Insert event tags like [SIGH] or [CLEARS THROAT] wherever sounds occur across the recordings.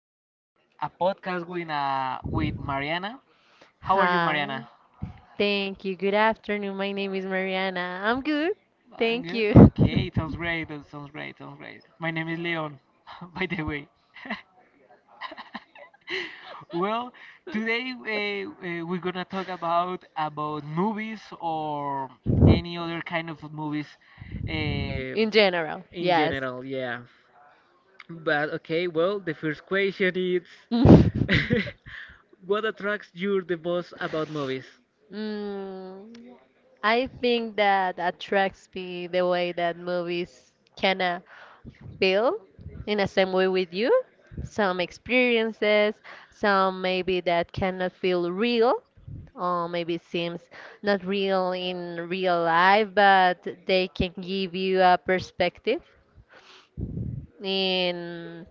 a podcast with with Mariana. How are you, Hi. Mariana? Thank you. Good afternoon. My name is Mariana. I'm good. I'm Thank good. you. Okay, [LAUGHS] it sounds great. It sounds great. Sounds great. My name is Leon, [LAUGHS] by the way. [LAUGHS] Well, today we're gonna talk about movies or any other kind of movies uh, In general, in yes. general. Yeah. But okay, well, the first question is [LAUGHS] [LAUGHS] what attracts you the most about movies? Mm, I think that attracts me the way that movies kinda build in the same way with you some experiences, some maybe that cannot feel real, or maybe seems not real in real life, but they can give you a perspective in,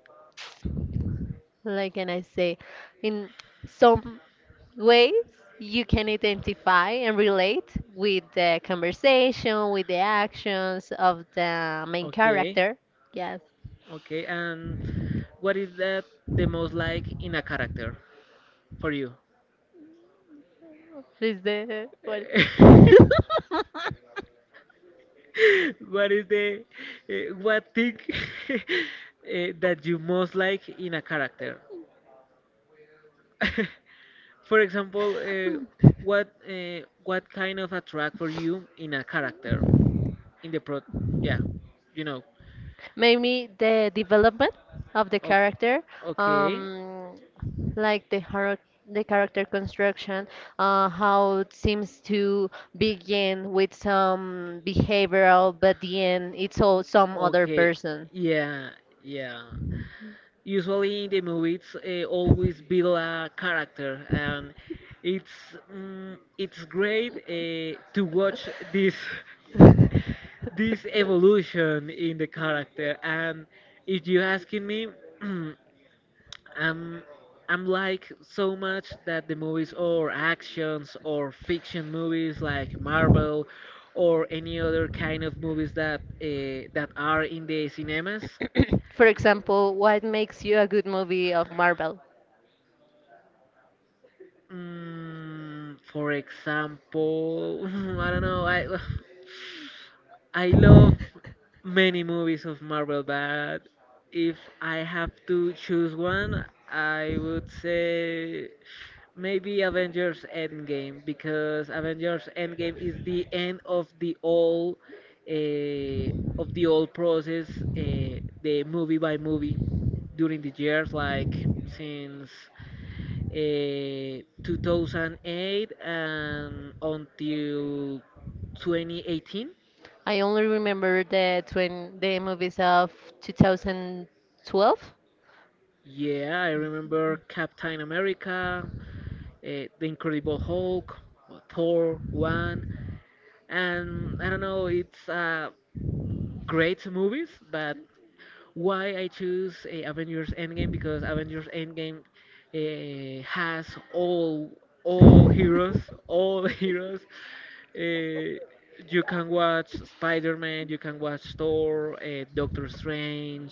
like, can I say, in some ways you can identify and relate with the conversation, with the actions of the main Okay, character. Yes. okay, and what is that the most like in a character for you? Is the what? Eh, [LAUGHS] [LAUGHS] What is the what thing [LAUGHS] that you most like in a character? [LAUGHS] For example, what what kind of attract for you in a character? In the pro, yeah, you know. Maybe the development of the character, O- okay, um, like the character construction, how it seems to begin with some behavioral, but at the end it's all some other okay. person. Yeah, yeah, usually in the movies always build a character, and it's it's great to watch this [LAUGHS] [LAUGHS] this evolution in the character. And if you asking me, [CLEARS THROAT] I'm I'm like so much that the movies or actions or fiction movies like Marvel or any other kind of movies that that are in the cinemas. For example, what makes you a good movie of Marvel? Mm, for example, [LAUGHS] I don't know. I [SIGHS] [LAUGHS] I love many movies of Marvel, but if I have to choose one, I would say maybe Avengers Endgame, because Avengers Endgame is the end uh, of the all process, the movie by movie during the years, like since 2008 and until 2018. I only remember the movies of 2012. Yeah, I remember Captain America, The Incredible Hulk, Thor 1, and I don't know, it's great movies. But why I choose Avengers Endgame? Because Avengers Endgame has all all heroes, all [LAUGHS] heroes. Uh, you can watch Spider-Man, you can watch Thor, Doctor Strange,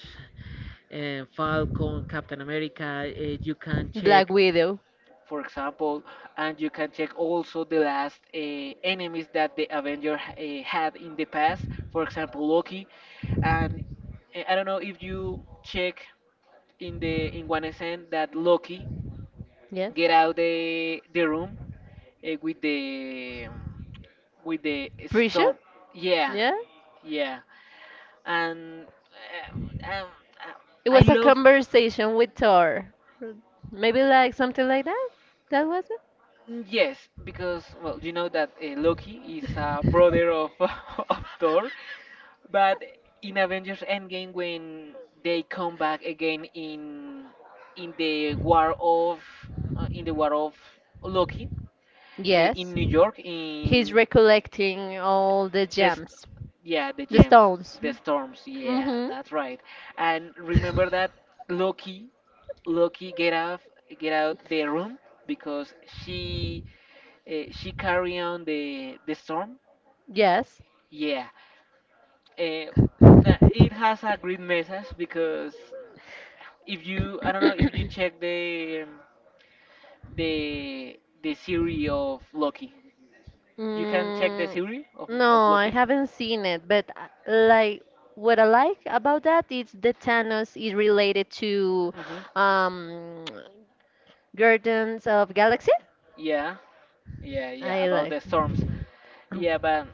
Falcon, Captain America. You can Black check, Widow. for example, and you can check also the last enemies that the Avenger had in the past, for example, Loki. And I don't know if you check in the in one scene that Loki Yes. get out the room uh, with the with the Pretty sure? stone. Yeah, Yeah. yeah, and uh, um, It I was a love. conversation with Thor. Maybe like something like that? That was it? Mm, yes, because well, you know that Loki is a brother of [LAUGHS] of Thor, but in Avengers Endgame when they come back again in the war of uh, in the war of Loki in Yes. New York He's in recollecting all the the st- gems, yeah, the the gems, stones. the storms, yeah, Mm-hmm. that's right. And remember that Loki, Loki get out, get out the room, because she carry on the storm. Yes. Yeah. Uh, Mm, it has a great message because if you, I don't know if you check the series of Loki. You can check the series of no, I Loki. haven't seen it, but like what I like about that is the Thanos is related to Mhm. um [TSK] Guardians of Galaxy. Yeah. Yeah, yeah, I about the liked. storms. Yeah, but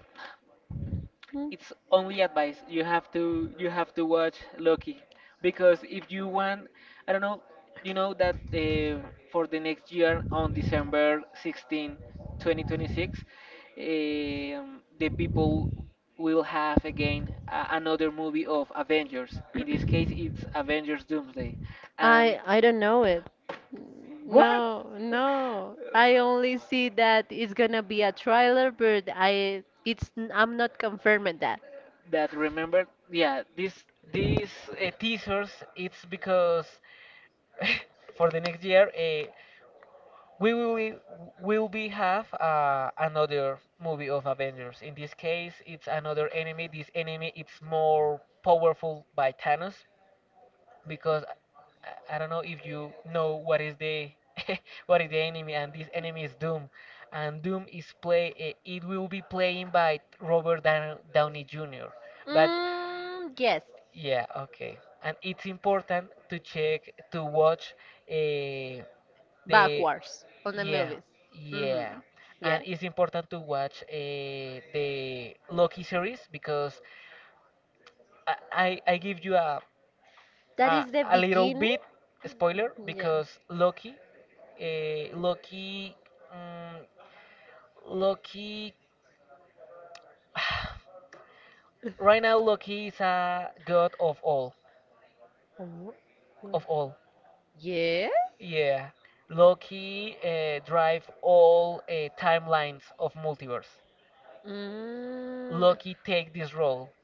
mm, it's only advice. You have to watch Loki, because if you want, I don't know, you know that for the next year on December 16, 2026, the people will have again a another movie of Avengers. In this case, it's Avengers Doomsday, and I don't know it. what? No, no. I only see that it's gonna be a trailer, but I'm not confirming that. That remember, yeah, this these teasers, it's because [LAUGHS] for the next year we will be have another movie of Avengers. In this case, it's another enemy. This enemy it's more powerful by Thanos, because I don't know if you know what is the [LAUGHS] what is the enemy, and this enemy is Doom, and Doom is play it will be playing by Robert Downey Jr. But Mm, yes. yeah, okay, and it's important to check to watch. Uh, the Backwards on the Yeah, movies. yeah, Mm-hmm. and Yes. it's important to watch the Loki series because I give you a That a, is the a little beginning? bit spoiler Yes. because Loki uh, Loki um, Loki [SIGHS] right now Loki is a god of all Oh, of well. all, Yes? yeah. Loki drive all timelines of multiverse. Mm. Loki take this role.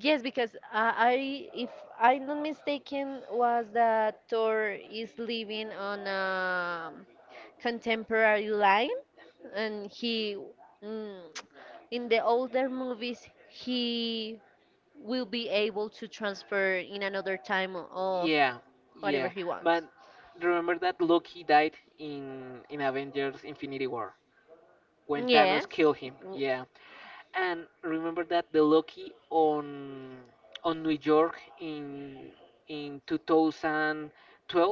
Yes, because if I'm not mistaken, was that Thor is living on a contemporary line, and he, mm, in the older movies, he will be able to transfer in another time of Yeah, whatever yeah. he wants. But remember that Loki died in Avengers Infinity War when Thanos Yes. killed him. W- Yeah. And remember that the Loki on New York in 2012,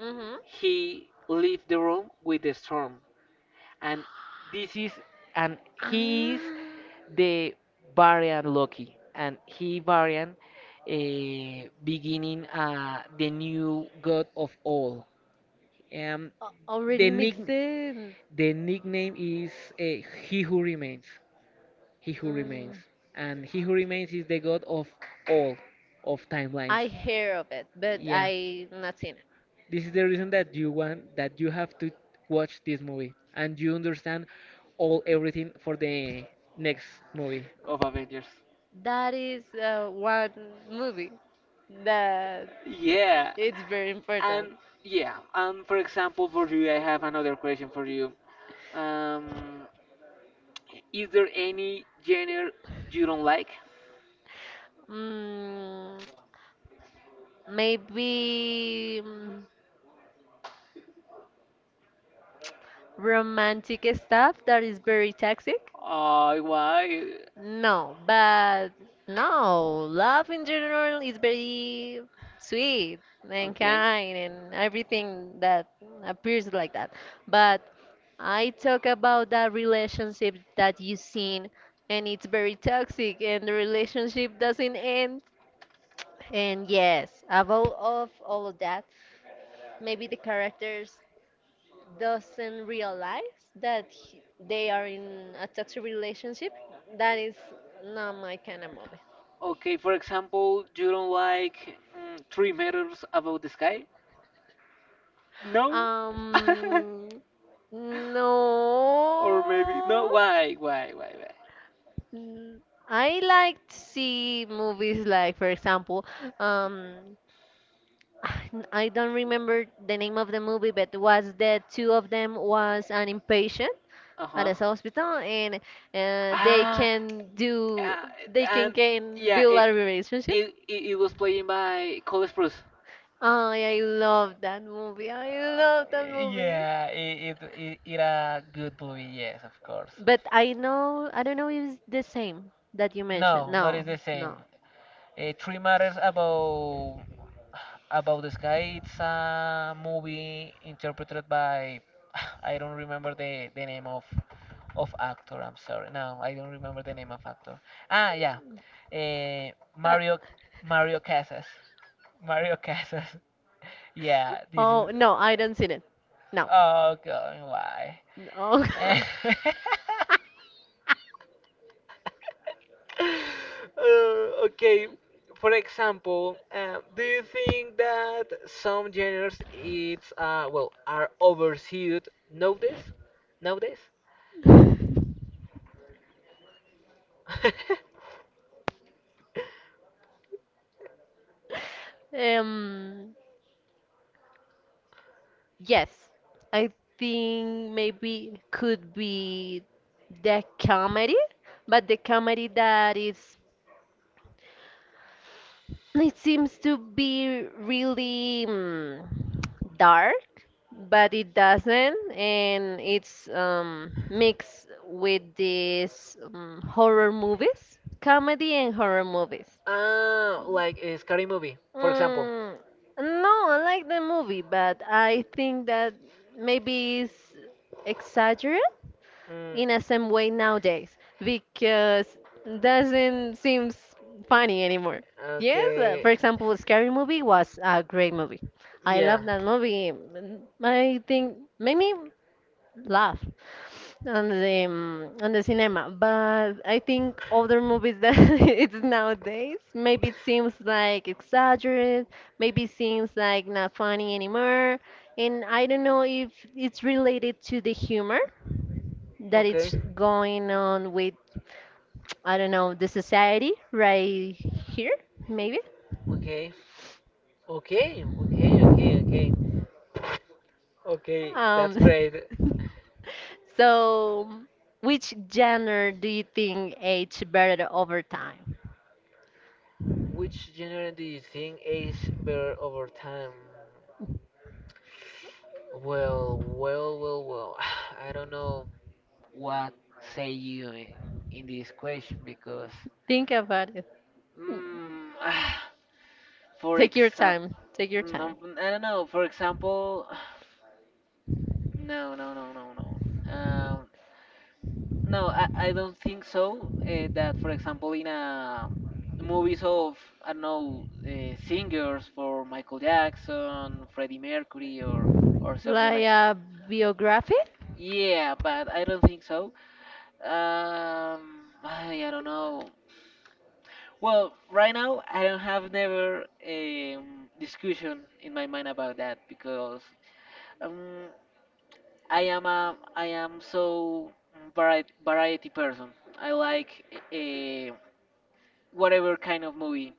Mhm. he left the room with the storm. And this is, and he is Ah, the variant Loki, and he variant beginning the new god of all. Um, already the nick makes sense. the nickname is He Who Remains. He Who Remains, Mm, and He Who Remains is the god of all of timelines. I hear of it, but Yeah, I not seen it. this is the reason that you want that you have to watch this movie and you understand all everything for the next movie of Avengers. That is one movie that Yeah, it's very and important. yeah, and for example, for you, I have another question for you. Um, is there any genre you don't like? Mm, Maybe romantic stuff that is very toxic. Why? No, but no, love in general is very sweet and Okay. kind and everything that appears like that. But I talk about that relationship that you seen and it's very toxic and the relationship doesn't end. And yes, above of all of that, maybe the characters doesn't realize that they are in a toxic relationship. That is not my kind of movie. Okay, for example, you don't like Three Meters Above the Sky? No? [LAUGHS] Um, Or maybe, no, no. Why, why? Mm, I like to see movies like, for example, um, [SIGHS] I don't remember the name of the movie, but was the two of them was an impatient at Uh-huh. a hospital and they Ah, can do uh, they can and can yeah, build it, a relationship. it it it was playing by Cole Sprouse. Oh yeah, I love that movie. I Oh, love that movie, yeah, it a good movie, yes, of course. but I don't know if it's the same that you mentioned. No, not No, is the same. no. [LAUGHS] Three Matters about the sky. It's a movie interpreted by [SIGHS] I don't remember the name of actor. I'm sorry. No, I don't remember the name of actor. Ah, yeah, uh, Uh, Mario Mario Casas. Mario Casas. [LAUGHS] Yeah, this is. oh, no, I don't see it. No, Oh God, why? no. [LAUGHS] [LAUGHS] Okay, for example, do you think that some genres it's well are overused nowadays? Nowadays? [LAUGHS] [LAUGHS] um Yes, I think maybe could be the comedy, but the comedy that is it seems to be really dark, but it doesn't, and it's mixed with these horror movies, comedy and horror movies. Like a scary movie, for example. Mm, no, I like the movie, but I think that maybe it's exaggerated Mm, in a same way nowadays because doesn't seems funny anymore. Yes, okay. for example, Scary Movie was a great movie. I Yeah. love that movie. I think made me laugh on the cinema, but I think other movies that [LAUGHS] it's nowadays maybe it seems like exaggerated, maybe seems like not funny anymore, and I don't know if it's related to the humor that Okay. it's going on with. I don't know, the society right here maybe. Okay. Okay. Okay. Okay. Okay. Okay. That's um great. [LAUGHS] so, which genre do you think age better over time? Which genre do you think aged better over time? Well, well, well, well. [SIGHS] I don't know what say you in this question because, Think about it. Mm, mm, [SIGHS] for Take your example, time, take your time. I don't know. For example, [SIGHS] no, no, no, no, no. No, I don't think so. That, for example, in a movies of I don't know singers for Michael Jackson, Freddie Mercury, or something Like like. a biography. Yeah, but I don't think so. I don't know. Well, right now I don't have never discussion in my mind about that because um, I am a I am so variety variety person. I like uh, whatever kind of movie.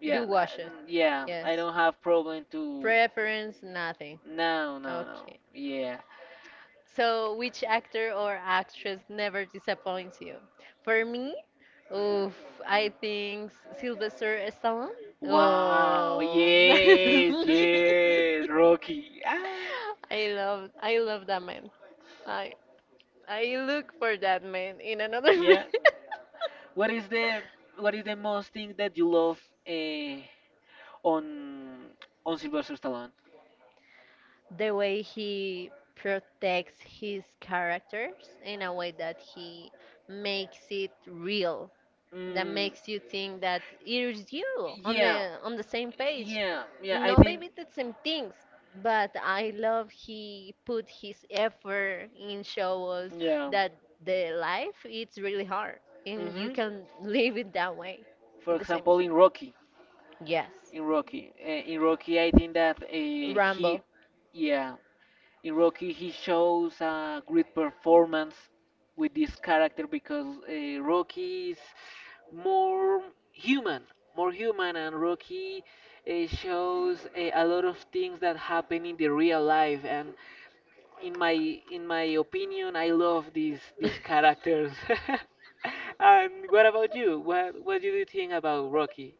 Yeah, You watch it. Yeah, Yes. I don't have problem to. Preference, nothing. No, no, no. Okay. Yeah. So, which actor or actress never disappoints you? For me, oof, I think Sylvester Stallone. Wow. Oh, [LAUGHS] Yes, yes, Rocky. Ah. I love that man. I, I look for that man in another [LAUGHS] man. Yeah. What is the what is the most thing that you love uh, on on Sylvester Stallone? The way he protects his characters in a way that he makes it real, that Mm, makes you think that here's you on yeah, the on the same page. yeah, yeah. I No, think. maybe the same things, but I love he put his effort in show us Yeah. that the life it's really hard and you Hmm. can live it that way. For The same as example, you. in Rocky, Yes. in Rocky, in Rocky, I think that Rambo. yeah, in Rocky he shows a great performance with this character because Rocky is more human, more human, and Rocky shows a lot of things that happen in the real life, and in my in my opinion, I love these characters. [LAUGHS] And what about you? What do you think about Rocky?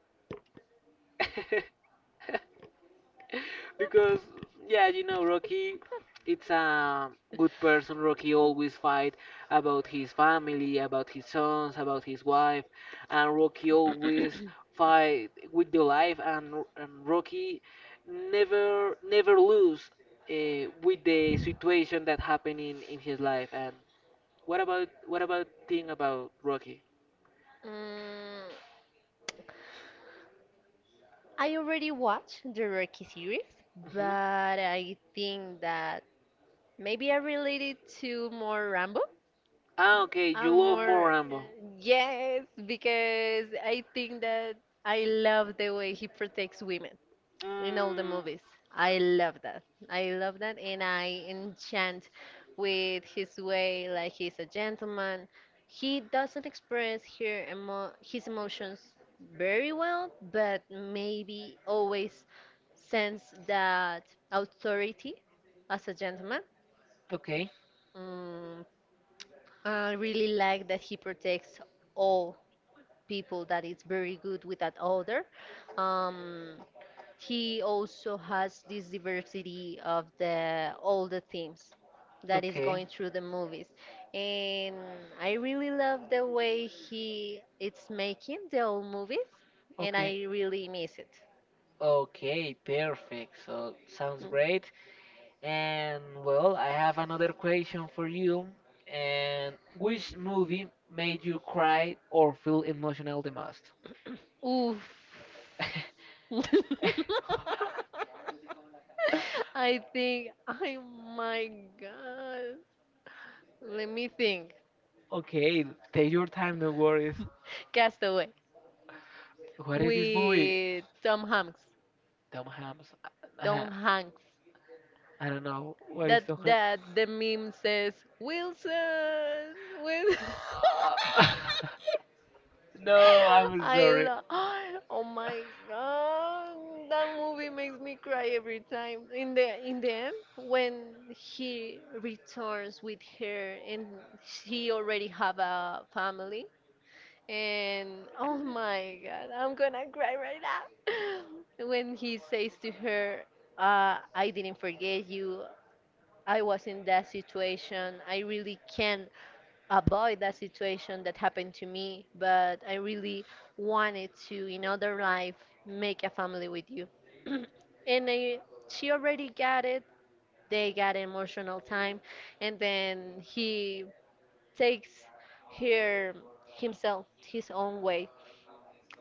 [LAUGHS] [LAUGHS] Because yeah, you know, Rocky, it's a good person. Rocky always fight about his family, about his sons, about his wife, and Rocky always fight with the life, and, and Rocky never never lose with the situation that happened in his life. And what about thing about Rocky? Mm, I already watched the Rocky series, Hmm. but I think that maybe I relate it to more Rambo. Ah, okay, I'm you love more, more Rambo. yes, because I think that I love the way he protects women in all the Mm, movies. I love that. I love that, and I enchant with his way, like he's a gentleman. He doesn't express her emo his emotions very well, but maybe always sense that authority as a gentleman. okay. Mm, I really like that he protects all people that is very good with that other. Um, he also has this diversity of the all the themes that is Okay. going through the movies. And I really love the way he it's making the old movies and Okay. I really miss it. Okay, perfect. So sounds Mm. great. And well, I have another question for you. And which movie made you cry or feel emotional the most? Oof. [LAUGHS] [LAUGHS] I think, oh my God. Let me think. Okay, take your time, no worries. Castaway What is this movie? with Tom Hanks. Tom Hanks. Uh, Tom Hanks. I don't know. What is That Tom Hanks? that the meme says Wilson. Wilson. [LAUGHS] [LAUGHS] [LAUGHS] No, I'm I sorry. love. Oh my God. That movie makes me cry every time. In the end, when he returns with her and she already have a family. And oh my god, I'm gonna cry right now. [LAUGHS] When he says to her, I didn't forget you, I was in that situation, I really can't avoid that situation that happened to me, but I really wanted to, in other life, make a family with you. [CLEARS THROAT] And she already got it, they got emotional time, and then he takes her himself his own way,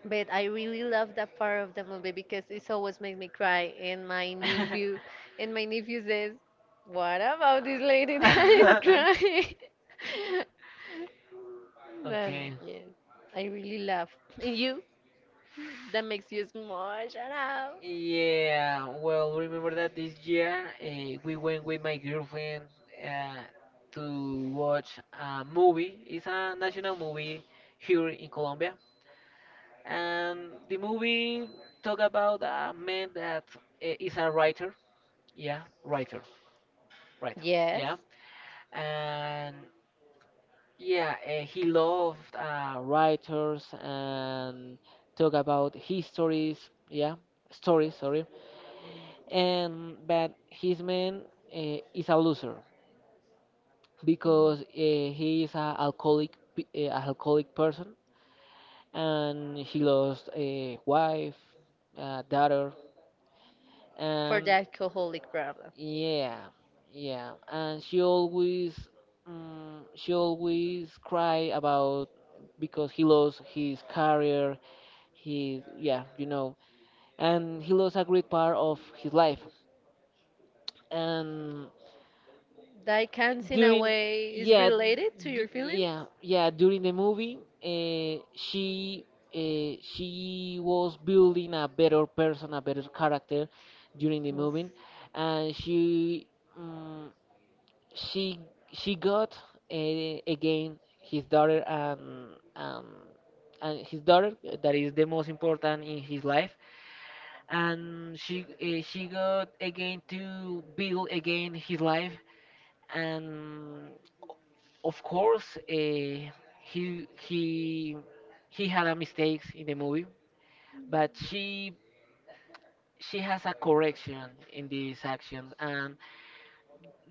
but I really love that part of the movie because it always makes me cry. And my [LAUGHS] nephew, and my nephew says, "What about this lady [LAUGHS] that is crying?" [LAUGHS] But Okay. yes, I really love. And you? That makes you emotional. Yeah, well, remember that this year we went with my girlfriend uh, to watch a movie. It's a national movie here in Colombia. And the movie talk about a man that is a writer. Yeah, writer, writer. Yes. Yeah. And yeah, he loved writers and talk about histories, yeah, stories, sorry. And But his man is a loser Mm. because he is a alcoholic, a alcoholic person, and he lost a wife, a daughter, For and the alcoholic problem. yeah, yeah, and she always cry about because he lost his career, his yeah, you know, and he lost a great part of his life. and That cans in a during way is yeah related to your d- feelings? yeah yeah during the movie, uh, she she was building a better person, a better character during the Oof. movie. And um, she she got uh, again his daughter, and um, his daughter, that is the most important in his life, and she got again to build again his life. And of course he he he had a mistakes in the movie, but she has a correction in these actions. And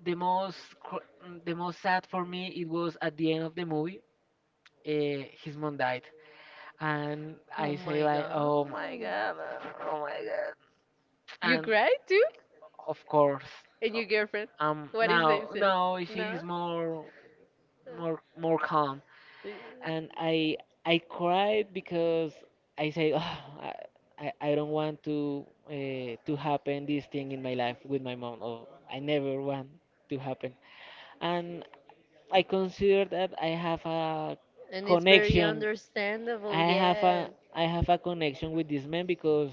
the most sad for me it was at the end of the movie. His mom died, and Oh I say, my like, oh my god. god, oh my god. You And cried too? of course And your girlfriend? What is it? now Is it? now she's No? more calm. Y- And I cried because I say, oh, I, I don't want to, to happen this thing in my life with my mom. Oh, I never want to happen. And I consider that I have a And it's very connection. understandable, I have a yes. Connection with this man because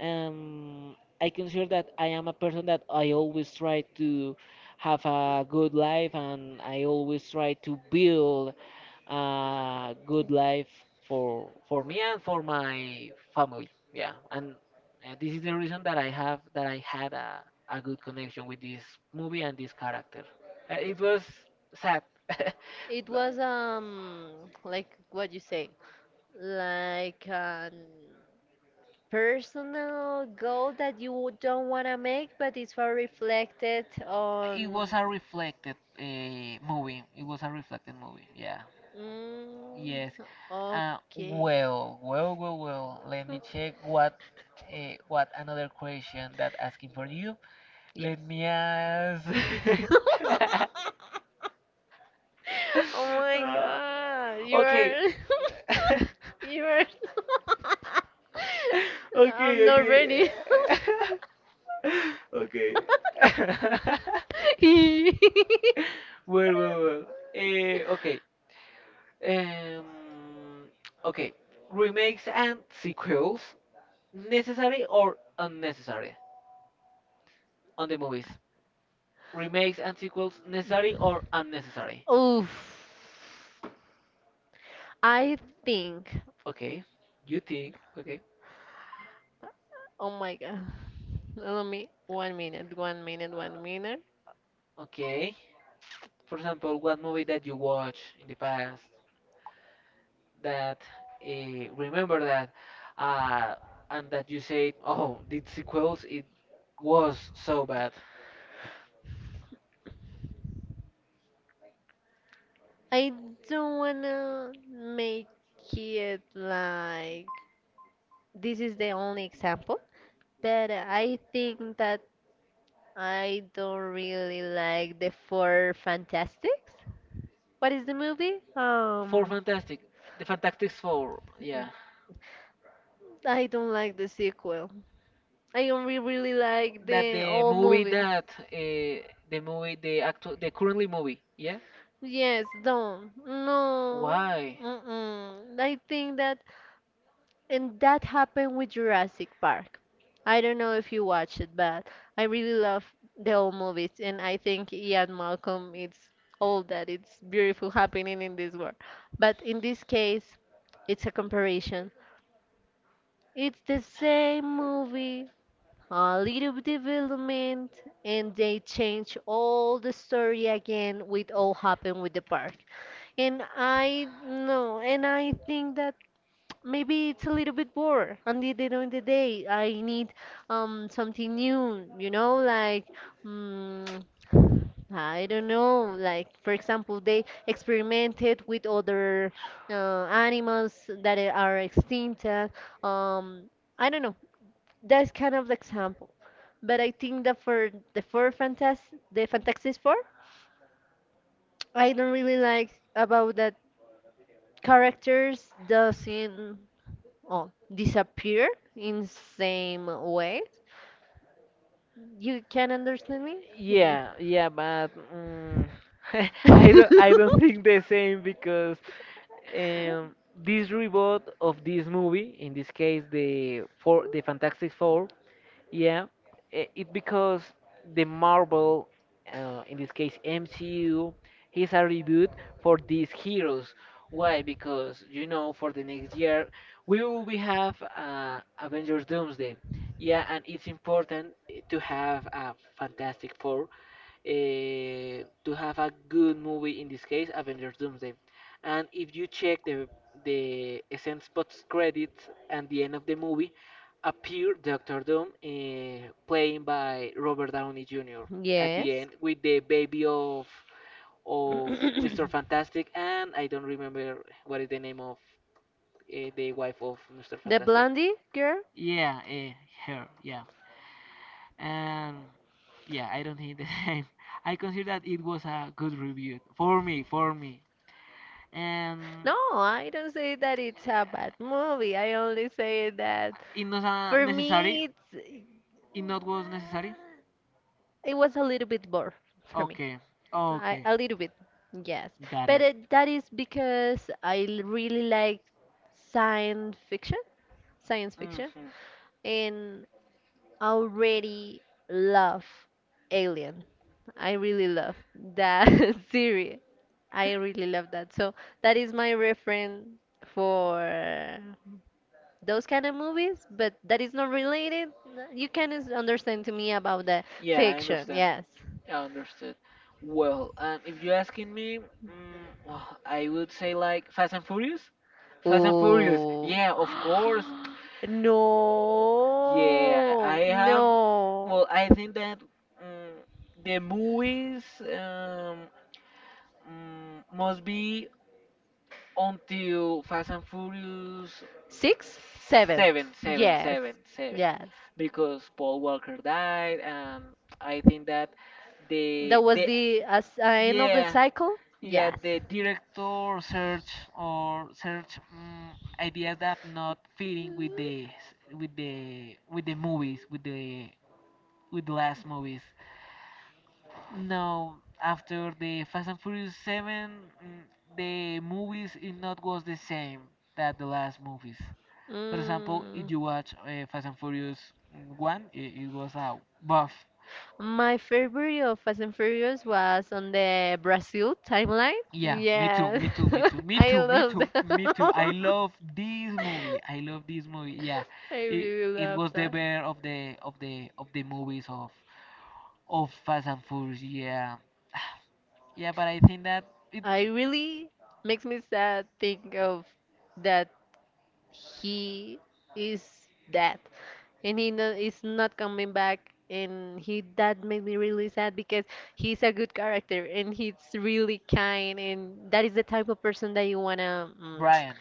I consider that I am a person that I always try to have a good life, and I always try to build a good life for me and for my family. Yeah. And this is the reason that I have that I had a, good connection with this movie and this character. It was sad. [LAUGHS] It But- was like what you say, like an personal goal that you don't want to make, but it's for reflected It was on. a reflected movie. It was a reflected movie. Yeah. Mm, Yes. Okay. Well, well, well, well. Let me check what. What another question that asking for you? Yes. Let me ask. [LAUGHS] [LAUGHS] Oh my Uh, god, you okay. are. [LAUGHS] [LAUGHS] You are. [LAUGHS] I'm Okay, not okay. ready. [LAUGHS] Okay. [LAUGHS] [LAUGHS] Well, well, well. Okay. Um, okay. Remakes and sequels, necessary or unnecessary on the movies? Remakes and sequels, necessary or unnecessary? Oof. I think. Okay, you think. Okay, Oh my god. Let me. One minute. One minute. One minute. okay. For example, one movie that you watch in the past that uh, remember that, uh, and that you said, "Oh, the sequels it was so bad." I don't wanna make it like this is the only example, but I think that I don't really like the Four Fantastics. What is the movie? For Fantastic, the Fantastic Four, yeah. I don't like the sequel. I only really like That the the old movie movie. that the currently movie, yeah. Yes, don't. No. Why? Mm-mm. I think that, and that happened with Jurassic Park. I don't know if you watch it, but I really love the old movies, and I think Ian Malcolm, it's all that it's beautiful happening in this world. But in this case, it's a comparison. It's the same movie, a little development, and they change all the story again with all happened with the park. And I no, and I think that maybe it's a little bit bored. And the end of the day, I need something new, like mm, I don't know, like for example, they experimented with other animals that are extinct. Um, I don't know. That's kind of the example. But I think that for the Fantastic Four, I don't really like about that characters doesn't oh, disappear in same way. You can understand me? Yeah. Yeah, yeah, but mm, [LAUGHS] I Yeah. [LAUGHS] don't, I don't think the same because um, this reboot of this movie, in this case the Fantastic Four, yeah, it because the Marvel, in this case MCU, is a reboot for these heroes. Why? Because for the next year we will be have Avengers Doomsday. Yeah, and it's important to have a Fantastic Four to have a good movie in this case Avengers Doomsday, and if you check the essence post credits and the end of the movie, appear Doctor Doom playing by Robert Downey Jr at Yes. the end with the baby of of Mr. Fantastic. And I don't remember what is the name of the wife of Mr. The Fantastic. Blondie girl? Yeah, her, yeah, and yeah, I don't think the [LAUGHS] same. I consider that it was a good review for me, for me. And No, I don't say that it's a bad uh, movie. I only say that it was for necessary. me it's It not was necessary. it was a little bit bored for me. Okay, I, okay, a little bit, yes. got But it. it, that is because I really like science fiction. Science fiction, Hmm, and already love Alien. I really love that [LAUGHS] series. I really love that. So that is my reference for those kind of movies, but that is not related. You can understand to me about the yeah, I fiction, understand. yes. I understood. Well, if you're asking me, [SIGHS] well, I would say like Fast and Furious. Fast and Furious. Oh Yeah, of [GASPS] course. Yeah, no, I have. no. Well, I think that mm the movies must be until Fast and Furious Six? Seven. 7, seven, Yes, seven, seven, yes. because Paul Walker died, and I think that That was the the a sign of the yeah, cycle? yeah, Yes. the director search ideas that not fitting with with the movies, with the last movies, no, after the fast and furious 7. mm, the movies it not was the same that the last movies. For example, Mm. if you watch fast and furious, 1. It was a buff. My favorite of Fast and Furious was on the Brazil timeline. Yeah, me too, Yes, me too, me too, [LAUGHS] me I too, me love too, me too. I that. love this movie. I love this movie. Yeah, [LAUGHS] I it really it love was the that. bear of the movies of Fast and Furious. Yeah. [SIGHS] Yeah, but I think that it I really makes me sad think of that he is dead. And he no, is not coming back and he that made me really sad because he's a good character and he's really kind and that is the type of person that you wanna, Brian.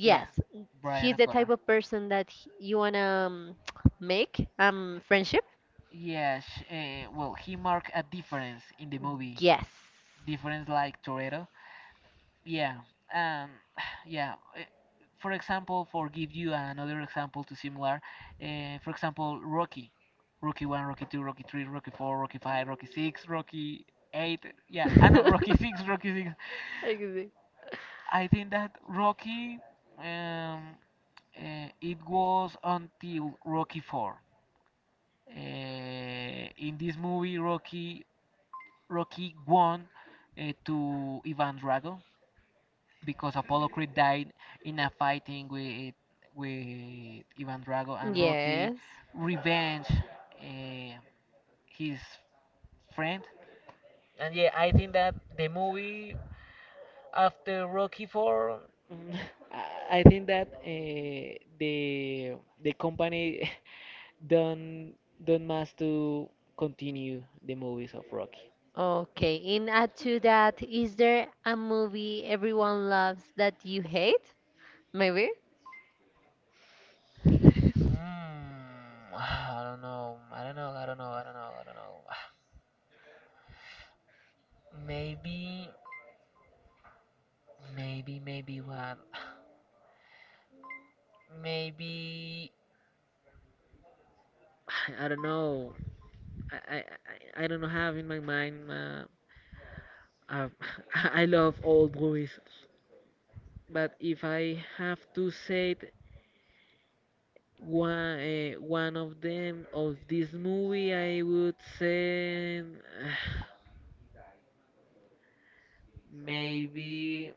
Yeah, Brian He's the type O'Connor. of person that you wanna um, [TSK] make friendship, Yeah, sh well, he marked a difference in the movie. yes. Difference like Toretto. Yeah. um, [SIGHS] yeah. For example, for give you another example to similar, for example, Rocky, Rocky one, Rocky two, Rocky three, Rocky four, Rocky five, Rocky six, Rocky eight. Yeah, I know [LAUGHS] Rocky six, [LAUGHS] Rocky six. Exactly. I think that Rocky, um, it was until Rocky four. In this movie, Rocky won to Ivan Drago, because Apollo Creed died in a fighting with Ivan Drago, and Rocky Yes. revenge uh, his friend. And yeah, I think that the movie after Rocky 4, mm, [LAUGHS] I think that the the company [LAUGHS] don't don't must to continue the movies of Rocky. Okay, in add to that, is there a movie everyone loves that you hate? Maybe? Mm, [SIGHS] I don't know. I don't know. I don't know. I don't know. I don't know. [SIGHS] Maybe. Maybe, maybe what? [SIGHS] Maybe. [SIGHS] I don't know. I don't know, have in my mind. Uh, [LAUGHS] I love old movies, but if I have to say it, one of them of this movie, I would say [SIGHS] maybe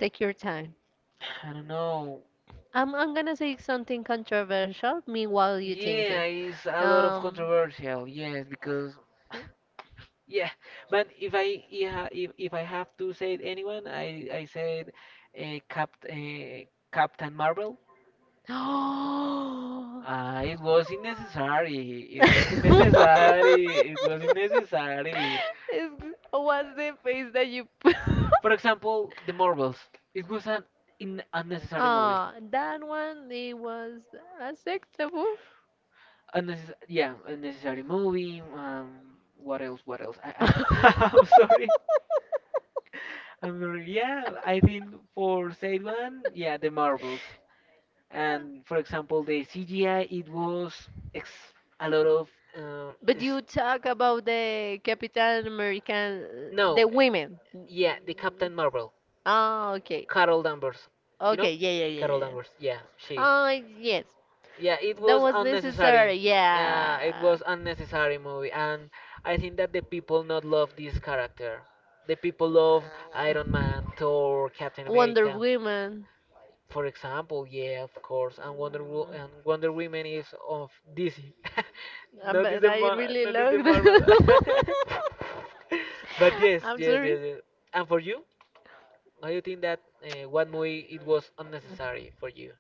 Take your time. [SIGHS] I don't know. I'm gonna say something controversial. Meanwhile, you Yeah, thinking. it's a lot of Um. controversial. Yes, because [GASPS] yeah, but if I yeah if I have to say anyone, I said uh, Cap uh, Captain Marvel. Oh. It was unnecessary. It was [LAUGHS] [LAUGHS] unnecessary. It was unnecessary. What's the face that you put? [LAUGHS] For example, the Marvels. It was an in unnecessary movie. Ah, that one it was acceptable. Unnecess Yeah, unnecessary movie. What else? What else? I [LAUGHS] [LAUGHS] I'm sorry. I'm sorry. Yeah, I think for said one, yeah, the Marvels. And for example, the CGI it was ex- a lot of, uh, But is- you talk about the Capitan American, no, the women. yeah, the Captain Marvel, Ah, okay. Carol Danvers, you know Okay, yeah, yeah, yeah, yeah, Carol yeah. Danvers, yeah, she, Ah, yes. yeah, it That was was unnecessary. necessary, yeah. Yeah, it was unnecessary movie, and I think that the people not love this character. The people love Uh, Iron Man, Thor, Captain Wonder America, Woman. for example. Yeah, of course. And Wonder Mm. Woman is of DC. [LAUGHS] But I really Not is the love Marvel. them. [LAUGHS] But [LAUGHS] yes, I'm yes, sorry. yes, yes. And for you, how you think that what movie it was unnecessary for you?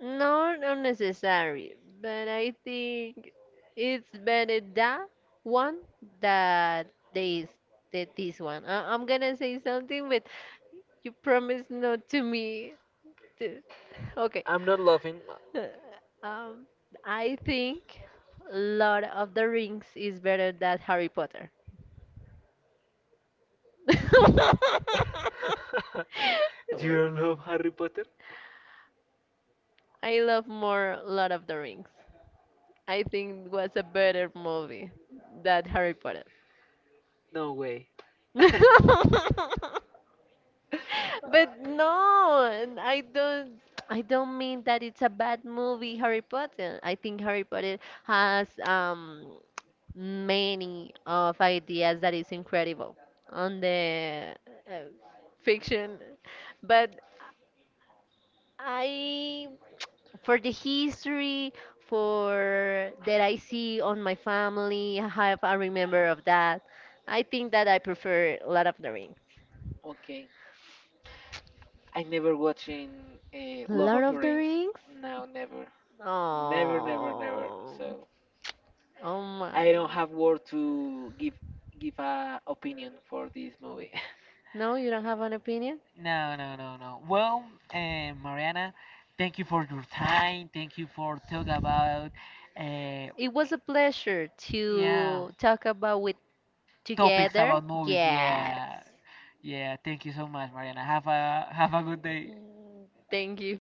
No, not necessary. But I think it's better that one that this that this one. I'm gonna say something, but you promise not to me. To... [LAUGHS] Okay. I'm not laughing. Uh, Um, I think Lord of the Rings is better than Harry Potter. [LAUGHS] [LAUGHS] You What? don't love Harry Potter? I love more Lord of the Rings. I think it was a better movie than Harry Potter. No way. [LAUGHS] [LAUGHS] But no, and I don't mean that it's a bad movie, Harry Potter. I think Harry Potter has many of ideas that is incredible on the uh, fiction, but I for the history, for that I see on my family, how I remember of that. I think that I prefer Lord of the Rings. Okay. I never watching Love Lord of the of the Rings. Rings? No, never. Never, never, never. Oh, So. oh I my. don't have word to give a opinion for this movie. [LAUGHS] No, you don't have an opinion? No, no, no, no. Well, Mariana, thank you for your time. Thank you for talk about, uh, It was a pleasure yeah, to talk about with topics together. about movies. Yes. Yeah, yeah. Thank you so much, Mariana. Have a good day. Thank you.